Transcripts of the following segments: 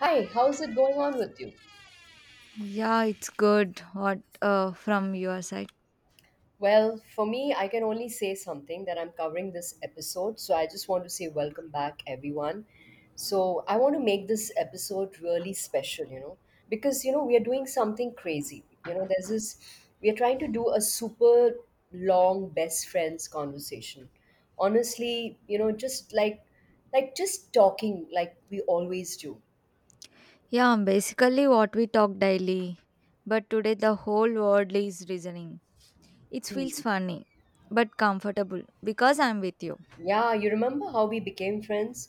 Hi, how's it going on with you? Yeah, it's good. What from your side? Well, for me, I can only say something that I'm covering this episode. So I just want to say welcome back, everyone. So I want to make this episode really special, you know, because, you know, we are doing something crazy. You know, there's this, we are trying to do a super long best friends conversation. Honestly, you know, just like just talking like we always do. Yeah, basically what we talk daily, but today the whole world is reasoning. It feels funny, but comfortable because I'm with you. Yeah, you remember how we became friends?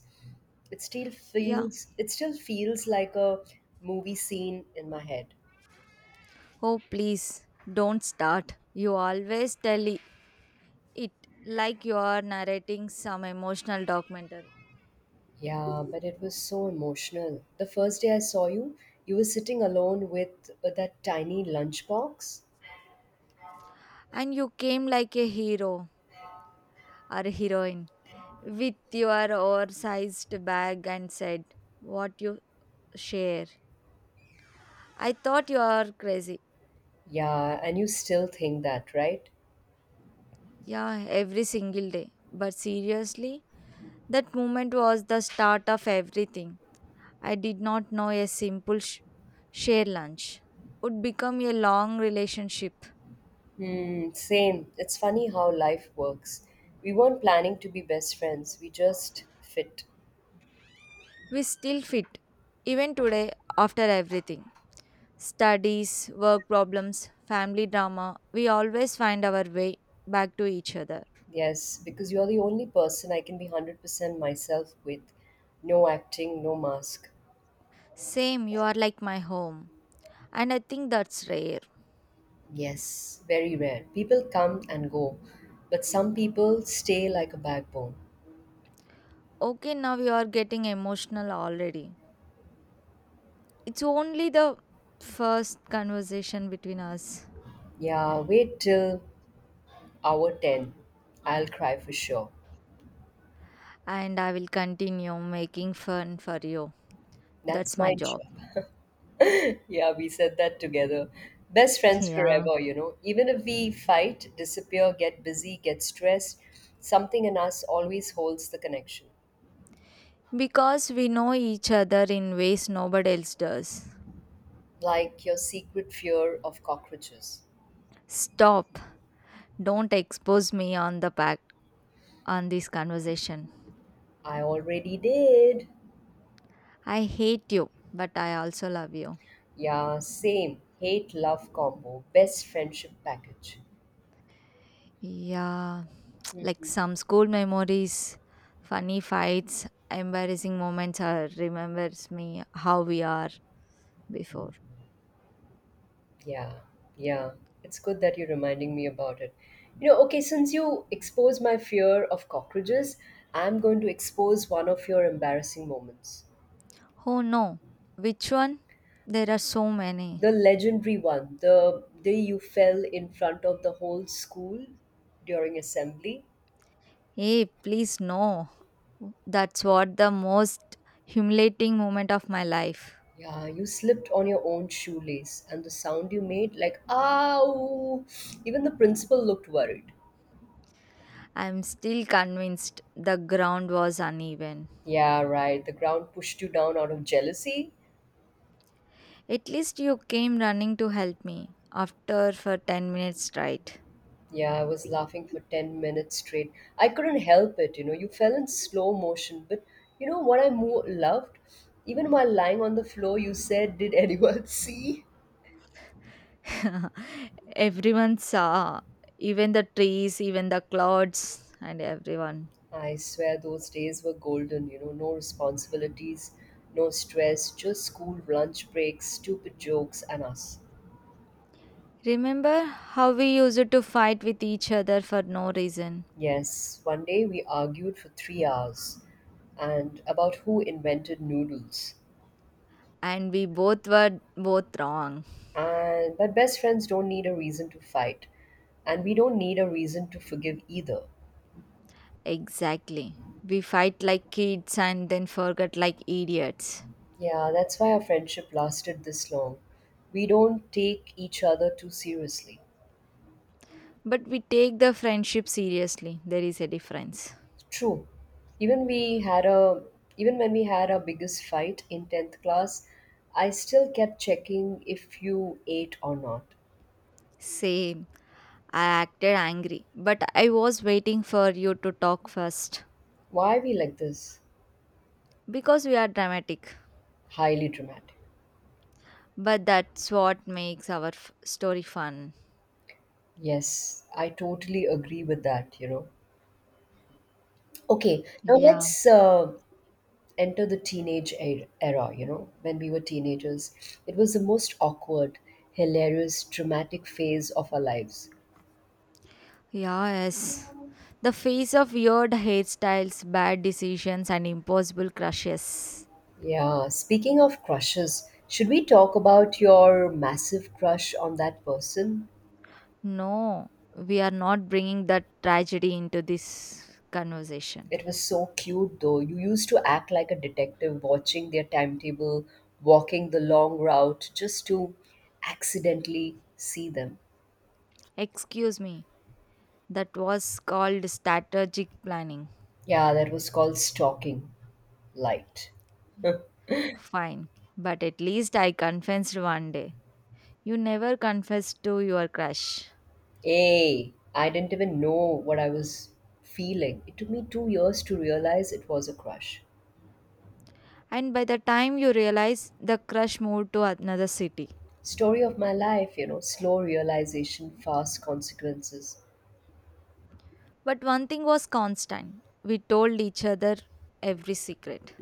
It still Yeah. feels it still feels like a movie scene in my head. Oh, please don't start. You always tell it like you are narrating some emotional documentary, Yeah, but it was so emotional. The first day I saw you, you were sitting alone with that tiny lunchbox. and you came like a hero or a heroine with your oversized bag and said what you share. I thought you are crazy. Yeah, and you still think that, right? Yeah, every single day. But seriously, that moment was the start of everything. I did not know a simple share lunch would become a long relationship. Hmm, same. It's funny how life works. We weren't planning to be best friends. We just fit. We still fit, even today, after everything studies, work problems, family drama. We always find our way back to each other. Yes, because you're the only person I can be 100% myself with. No acting, no mask. Same, you are like my home. And I think that's rare. Yes, very rare. People come and go, but some people stay like a backbone. Okay, now you are getting emotional already. It's only the first conversation between us, Yeah, wait till hour 10. I'll cry for sure. and I will continue making fun for you. That's That's my my job. job. Yeah, we said that together. Best friends Yeah. forever, you know. Even if we fight, disappear, get busy, get stressed, something in us always holds the connection. Because we know each other in ways nobody else does. Like your secret fear of cockroaches. Stop. Don't expose me on the pack on this conversation. I already did. I hate you, but I also love you. Yeah, same. Hate love combo, best friendship package. Yeah. Like some school memories, funny fights, embarrassing moments are remembers me how we are before. Yeah, yeah. It's good that you're reminding me about it. You know, okay, since you expose my fear of cockroaches, I'm going to expose one of your embarrassing moments. Oh no, which one? There are so many. The legendary one, the day you fell in front of the whole school during assembly. Hey, please no. That's what the most humiliating moment of my life. Yeah, you slipped on your own shoelace, and the sound you made, like, ow! Even the principal looked worried. I'm still convinced the ground was uneven. Yeah, right. The ground pushed you down out of jealousy. At least you came running to help me after for 10 minutes straight. Yeah, I was laughing for 10 minutes straight. I couldn't help it, you know. You fell in slow motion, but you know what I loved? Even while lying on the floor, you said, did anyone see? Everyone saw, even the trees, even the clouds, and everyone. I swear those days were golden, you know. No responsibilities, no stress, just school lunch breaks, stupid jokes, and us. Remember how we used to fight with each other for no reason? Yes, one day we argued for 3 hours and about who invented noodles. And we both were both wrong. And but best friends don't need a reason to fight, and we don't need a reason to forgive either. Exactly. We fight like kids and then forget like idiots. Yeah, that's why our friendship lasted this long. We don't take each other too seriously. But we take the friendship seriously. There is a difference. True. Even we had a Even when we had our biggest fight in 10th class, I still kept checking if you ate or not. Same. I acted angry, but I was waiting for you to talk first Why are we like this? because we are dramatic. Highly dramatic. But that's what makes our story fun. Yes, I totally agree with that, you know. Okay, now Yeah. let's enter the teenage era, you know, when we were teenagers. It was the most awkward, hilarious, traumatic phase of our lives. Yeah, yes. The face of weird hairstyles, bad decisions, and impossible crushes. Yeah, speaking of crushes, should we talk about your massive crush on that person? No, we are not bringing that tragedy into this conversation. It was so cute though. You used to act like a detective watching their timetable, walking the long route just to accidentally see them. Excuse me, that was called strategic planning. Yeah, that was called stalking light. Fine, but at least I confessed one day. You never confessed to your crush. Hey, I didn't even know what I was feeling. It took me 2 years to realize it was a crush. And by the time you realize, the crush moved to another city. Story of my life, you know, slow realization, fast consequences. But one thing was constant we told each other every secret,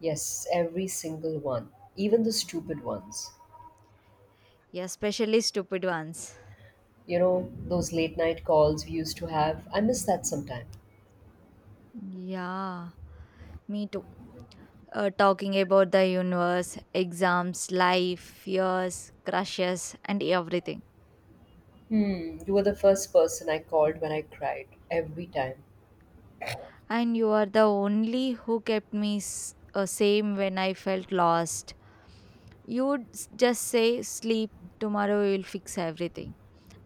Yes, every single one, even the stupid ones. especially stupid ones. You know, those late night calls we used to have, I miss that sometime. Yeah, me too. Talking about the universe, exams, life, fears, crushes, and everything. Hmm, you were the first person I called when I cried, every time. And you are the only who kept me same when I felt lost. You would just say, sleep, tomorrow we will fix everything.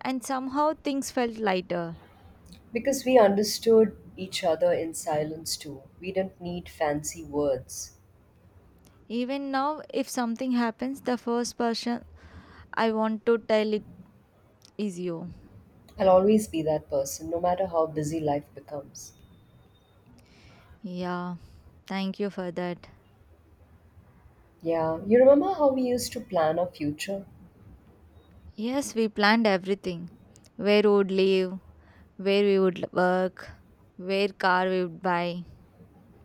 And somehow things felt lighter. Because we understood each other in silence too. We didn't need fancy words. Even now, if something happens, the first person I want to tell it is you. I'll always be that person, no matter how busy life becomes. Yeah, thank you for that. Yeah, you remember how we used to plan our future? Yes, we planned everything. Where we would live, where we would work, where car we would buy.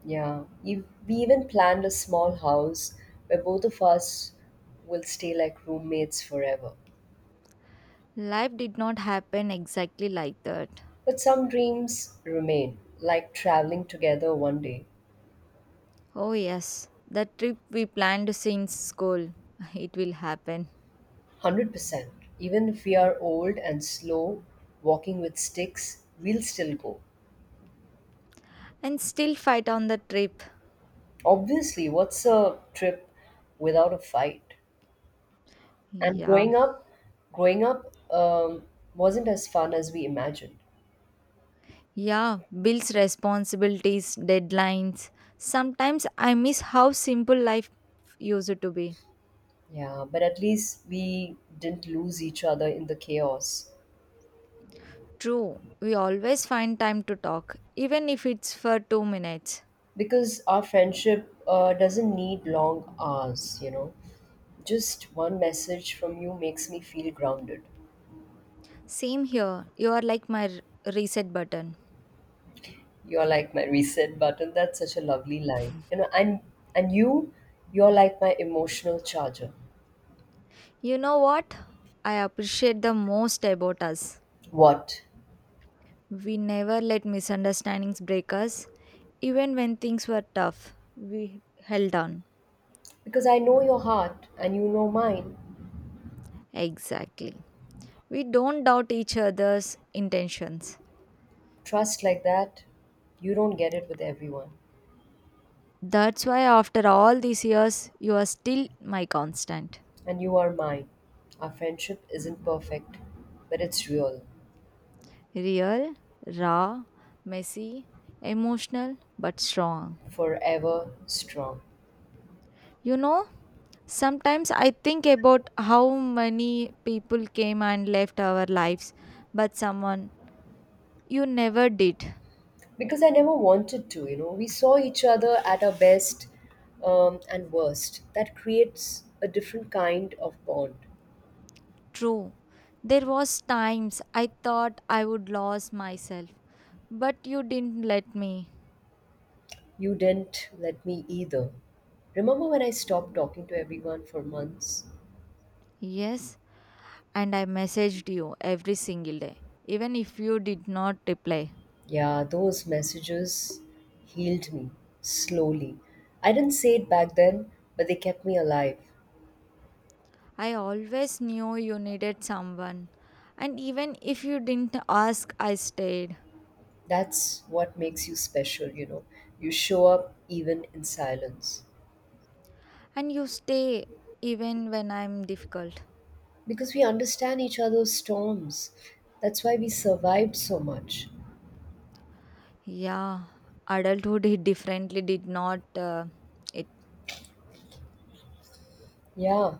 Yeah, we even planned a small house where both of us will stay like roommates forever. Life did not happen exactly like that. But some dreams remain, like traveling together one day. Oh yes, that trip we planned since school. It will happen. 100%. Even if we are old and slow, walking with sticks, we'll still go. And still fight on the trip. Obviously, what's a trip without a fight? And Yeah. growing up wasn't as fun as we imagined. Yeah. Bills, responsibilities, deadlines. Sometimes I miss how simple life used to be. Yeah, but at least we didn't lose each other in the chaos True. We always find time to talk, even if it's for 2 minutes. because our friendship doesn't need long hours, you know. Just one message from you makes me feel grounded. Same here. You are like my reset button. You're like my reset button. That's such a lovely line. You know, and you're like my emotional charger. You know what? I appreciate the most about us. What? We never let misunderstandings break us. Even when things were tough, we held on. Because I know your heart and you know mine. Exactly. We don't doubt each other's intentions. Trust like that, you don't get it with everyone. That's why, after all these years, you are still my constant. And you are mine. Our friendship isn't perfect, but it's real, Real, raw, messy, emotional, but strong. forever strong. You know, sometimes I think about how many people came and left our lives, but someone you never did. Because I never wanted to, you know. We saw each other at our best and worst. That creates a different kind of bond. True. There was times I thought I would lose myself, but you didn't let me. You didn't let me either. Remember when I stopped talking to everyone for months? Yes, and I messaged you every single day, even if you did not reply. Yeah, those messages healed me slowly. I didn't say it back then, but they kept me alive. I always knew you needed someone, and even if you didn't ask, I stayed. That's what makes you special, you know. You show up even in silence. And you stay even when I'm difficult. Because we understand each other's storms. That's why we survived so much. Yeah, adulthood hit differently did not it. Yeah,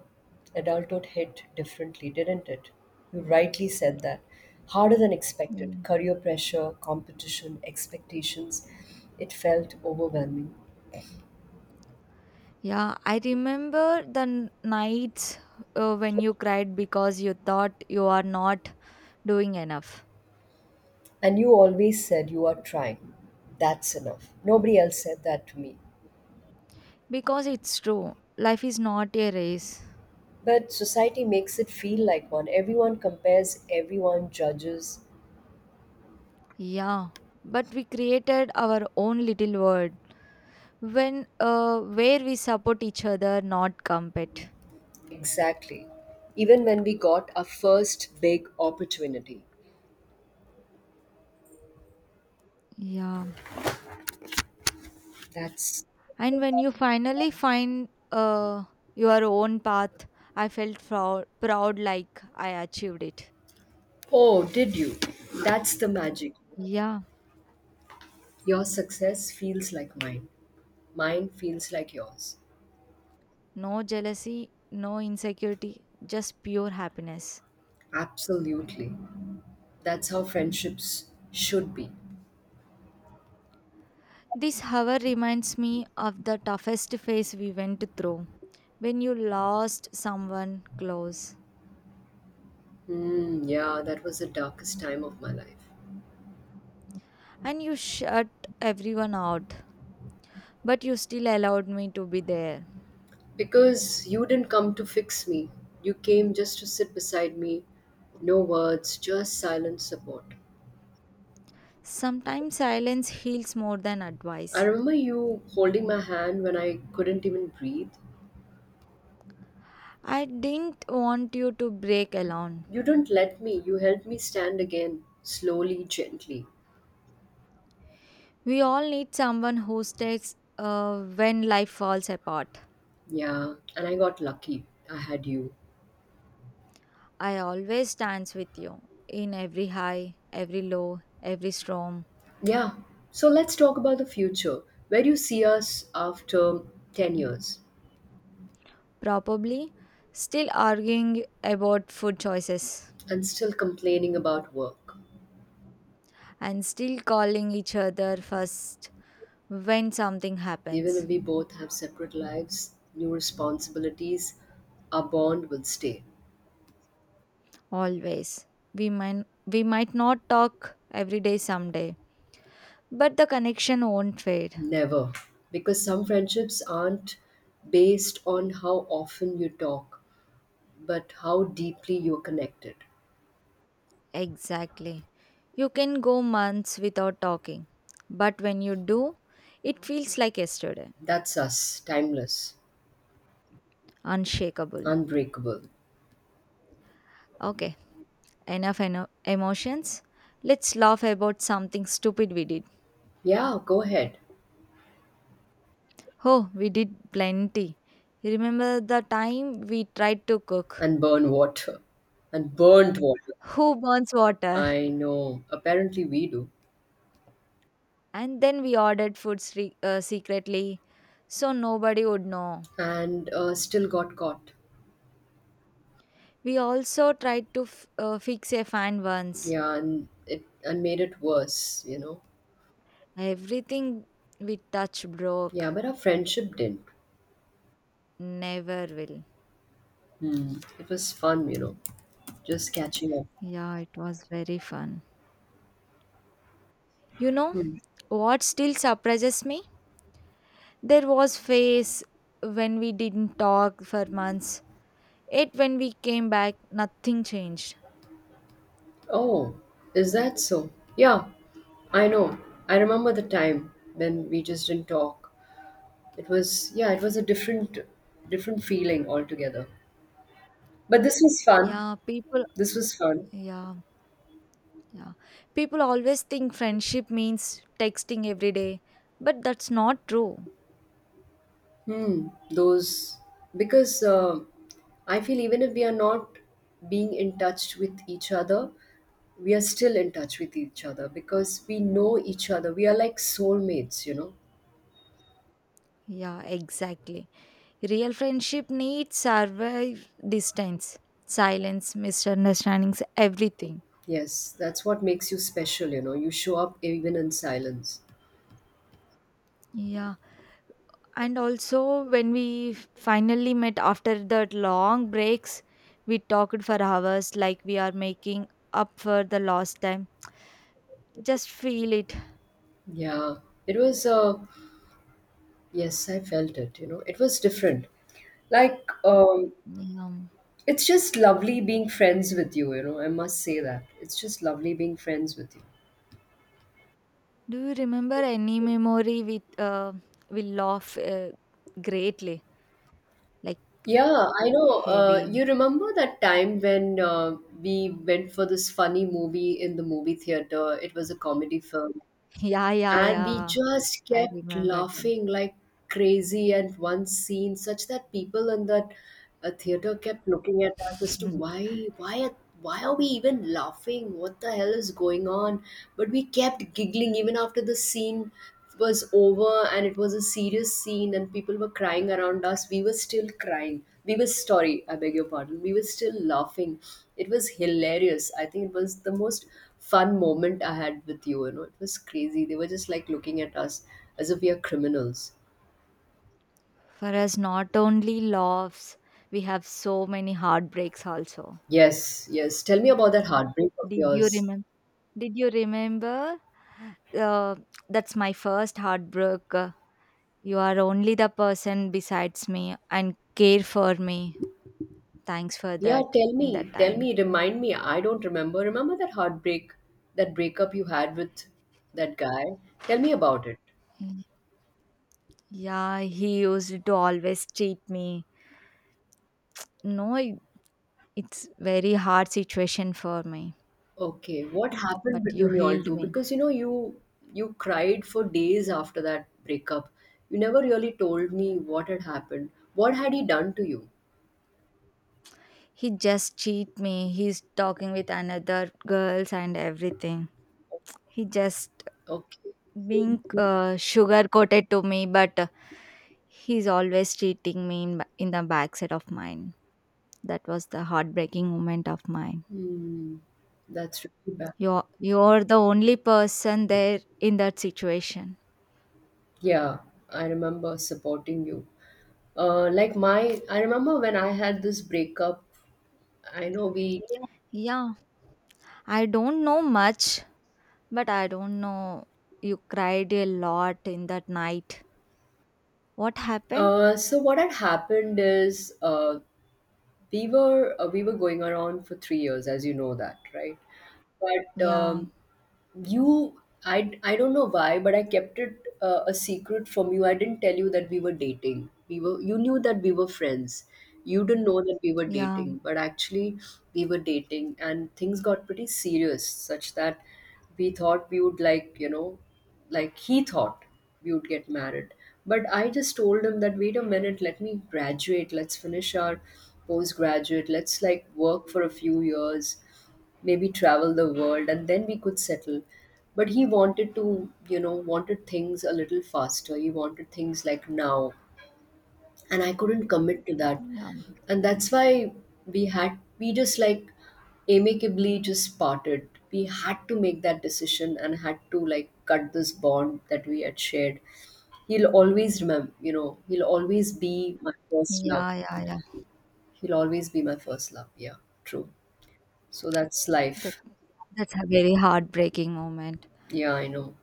adulthood hit differently, didn't it? You rightly said that. Harder than expected. Mm. Career pressure, competition, expectations. It felt overwhelming. Yeah, I remember the nights when you cried because you thought you are not doing enough. And you always said you are trying. That's enough. Nobody else said that to me. Because it's true, life is not a race. But society makes it feel like one. Everyone compares, everyone judges. Yeah, but we created our own little world when where we support each other, not compete. Exactly. Even when we got our first big opportunity. Yeah. That's. And when you finally find your own path, I felt proud, proud like I achieved it. Oh, did you? That's the magic. Yeah, Your success feels like mine. Mine feels like yours. no jealousy, no insecurity, just pure happiness. Absolutely. That's how friendships should be. This, however, reminds me of the toughest phase we went through when you lost someone close Hmm, yeah, that was the darkest time of my life. and you shut everyone out, but you still allowed me to be there. Because you didn't come to fix me. You came just to sit beside me. No words, just silent support. Sometimes silence heals more than I advice. remember you holding my hand when I couldn't even breathe. I didn't want you to break alone. You didn't let me. You helped me stand again, slowly, gently. We all need someone who sticks when life falls apart. Yeah, and I got lucky. I had you. I always stands with you in every high, every low, every storm. Yeah, so let's talk about the future. Where do you see us after 10 years Probably still arguing about food choices and still complaining about work? and still calling each other first when something Even happens. if we both have separate lives, new responsibilities, our bond will stay. Always. We might not talk every day someday, but the connection won't fade. Never. Because some friendships aren't based on how often you talk, but how deeply you're connected. Exactly. You can go months without talking, but when you do, it feels like yesterday, That's us, timeless, unshakable. unbreakable. Okay, enough emotions. Let's laugh about something stupid we did. Yeah, go ahead. Oh, we did plenty. Remember the time we tried to cook? And burn water. And burnt water. Who burns water? I know. Apparently, we do. And then we ordered food secretly so nobody would know. And still got caught. We also tried to fix a fan once. Yeah, and it and made it worse, you know. Everything we touch Yeah, broke. but our friendship didn't. Never will. Hmm. It was fun, you know, just catching up. Yeah, it was very fun. You know Hmm. what still surprises me? There was phase when we didn't talk for months. It when we came back, nothing changed. Oh, is that so? Yeah, I know. I remember the time when we just didn't talk. It was a different feeling altogether. But this was fun. Yeah, people This was fun. yeah, yeah. People always think friendship means texting every day, but that's not true. Hmm, those because I feel even if we are not being in touch with each other, we are still in touch with each other because we know each other. We are like soulmates, you know. Yeah, exactly. Real friendship needs survive distance, silence, misunderstandings, everything. Yes, that's what makes you special, you know. You show up even in silence. Yeah. And also, when we finally met after that long breaks, we talked for hours like we are making up for the lost time. Just feel it. Yeah, it was. Yes, I felt it. You know, it was different. Like, um, Yeah. it's just lovely being friends with you. You know, I must say that it's just lovely being friends with you. Do you remember any memory we we laugh greatly, like Yeah, I know. Heavy? You remember that time when we went for this funny movie in the movie theater? It was a comedy film. Yeah, yeah, And we yeah. just I kept remember them. laughing like crazy and one scene, such that people in that theater kept looking at us as to why are we even laughing? What the hell is going on? But we kept giggling even after the scene was over and it was a serious scene and people were crying around us. We were still crying. We were sorry, I beg your pardon. We were still laughing. It was hilarious. I think it was the most fun moment I had with you. You know, it was crazy. They were just like looking at us as if we are criminals. For us, not only loves, we have so many heartbreaks also. Yes, yes. Tell me about that heartbreak of Did you yours. remember? Did you remember? Uh, that's my first heartbreak. You are only the person besides me and care for me. Thanks for that in that time. Remind me. I don't remember. Remember that heartbreak, that breakup you had with that guy? Tell me about it. Mm. Yeah, he used to always treat me. No, it's very hard situation for me. Okay, what But happened you between you all healed two? me. Because you know, you cried for days after that breakup. You never really told me what had happened. What had he done to you? He just cheat me. He's talking with another girls and everything. He just Okay. being sugar coated to me but he's always treating me in the backside of mine. That was the heartbreaking moment of mine. Hmm, that's really bad. You're the only person there in that situation. Yeah, I remember supporting you. I remember when I had this breakup. I know we. Yeah, I don't know much, but I don't know you cried a lot in that night. What happened? So what had happened is, we were going around for 3 years, as you know that, right? But Yeah, you I don't know why but I kept it a secret from you. I didn't tell you that we were dating. We were You knew that we were friends. You didn't know that we were yeah, dating, but actually we were dating, and things got pretty serious such that we thought we would, like, you know, like he thought we would get married. But I just told him that wait a minute, let me graduate, let's finish our postgraduate, let's like work for a few years, maybe travel the world, and then we could settle. But he wanted to, you know, wanted things a little faster. He wanted things like now, and I couldn't commit to that, yeah, and that's why we just like amicably just parted. We had to make that decision and had to like cut this bond that we had shared. He'll always remember, you know. He'll always be my first love. yeah, yeah, yeah. He'll always be my first love. Yeah, true. So that's That life. that's a very heartbreaking moment. Yeah, I know.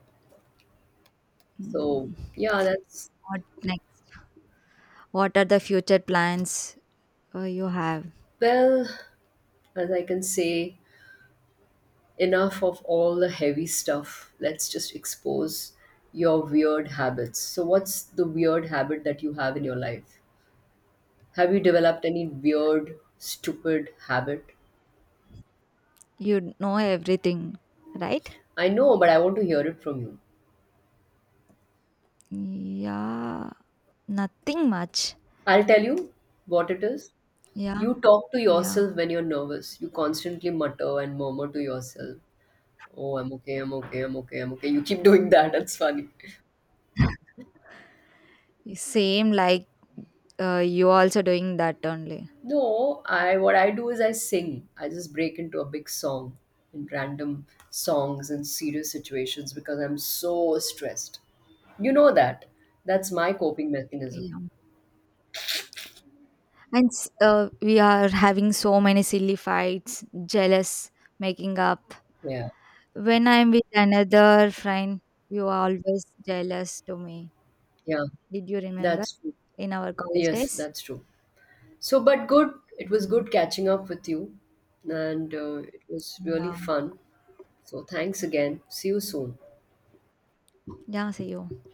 So, Mm. yeah, that's What next? What are the future plans you have? well, as I can say, enough of all the heavy stuff. Let's just expose your weird habits. So, what's the weird habit that you have in your life? Have you developed any weird, stupid habit? You know everything, right? I know, but I want to hear it from you. Yeah, nothing much. I'll tell you what it is. Yeah, You talk to yeah. yourself when you're nervous. You constantly mutter and murmur to yourself. Oh, I'm okay, I'm okay, I'm okay, I'm okay. You keep doing that. That's funny. Same like you also doing that only. No, I what I do is I sing. I just break into a big song in random songs and serious situations because I'm so stressed. You know that. That's my coping mechanism. Yeah. And we are having so many silly fights, jealous, making up. Yeah. When I'm with another friend, you are always jealous to me. Yeah. Did you remember That's true. in our college Yes, days? that's true. So, but good. It was Yeah. good catching up with you and it was really Yeah. fun. So, thanks again. See you soon. Yeah, see you.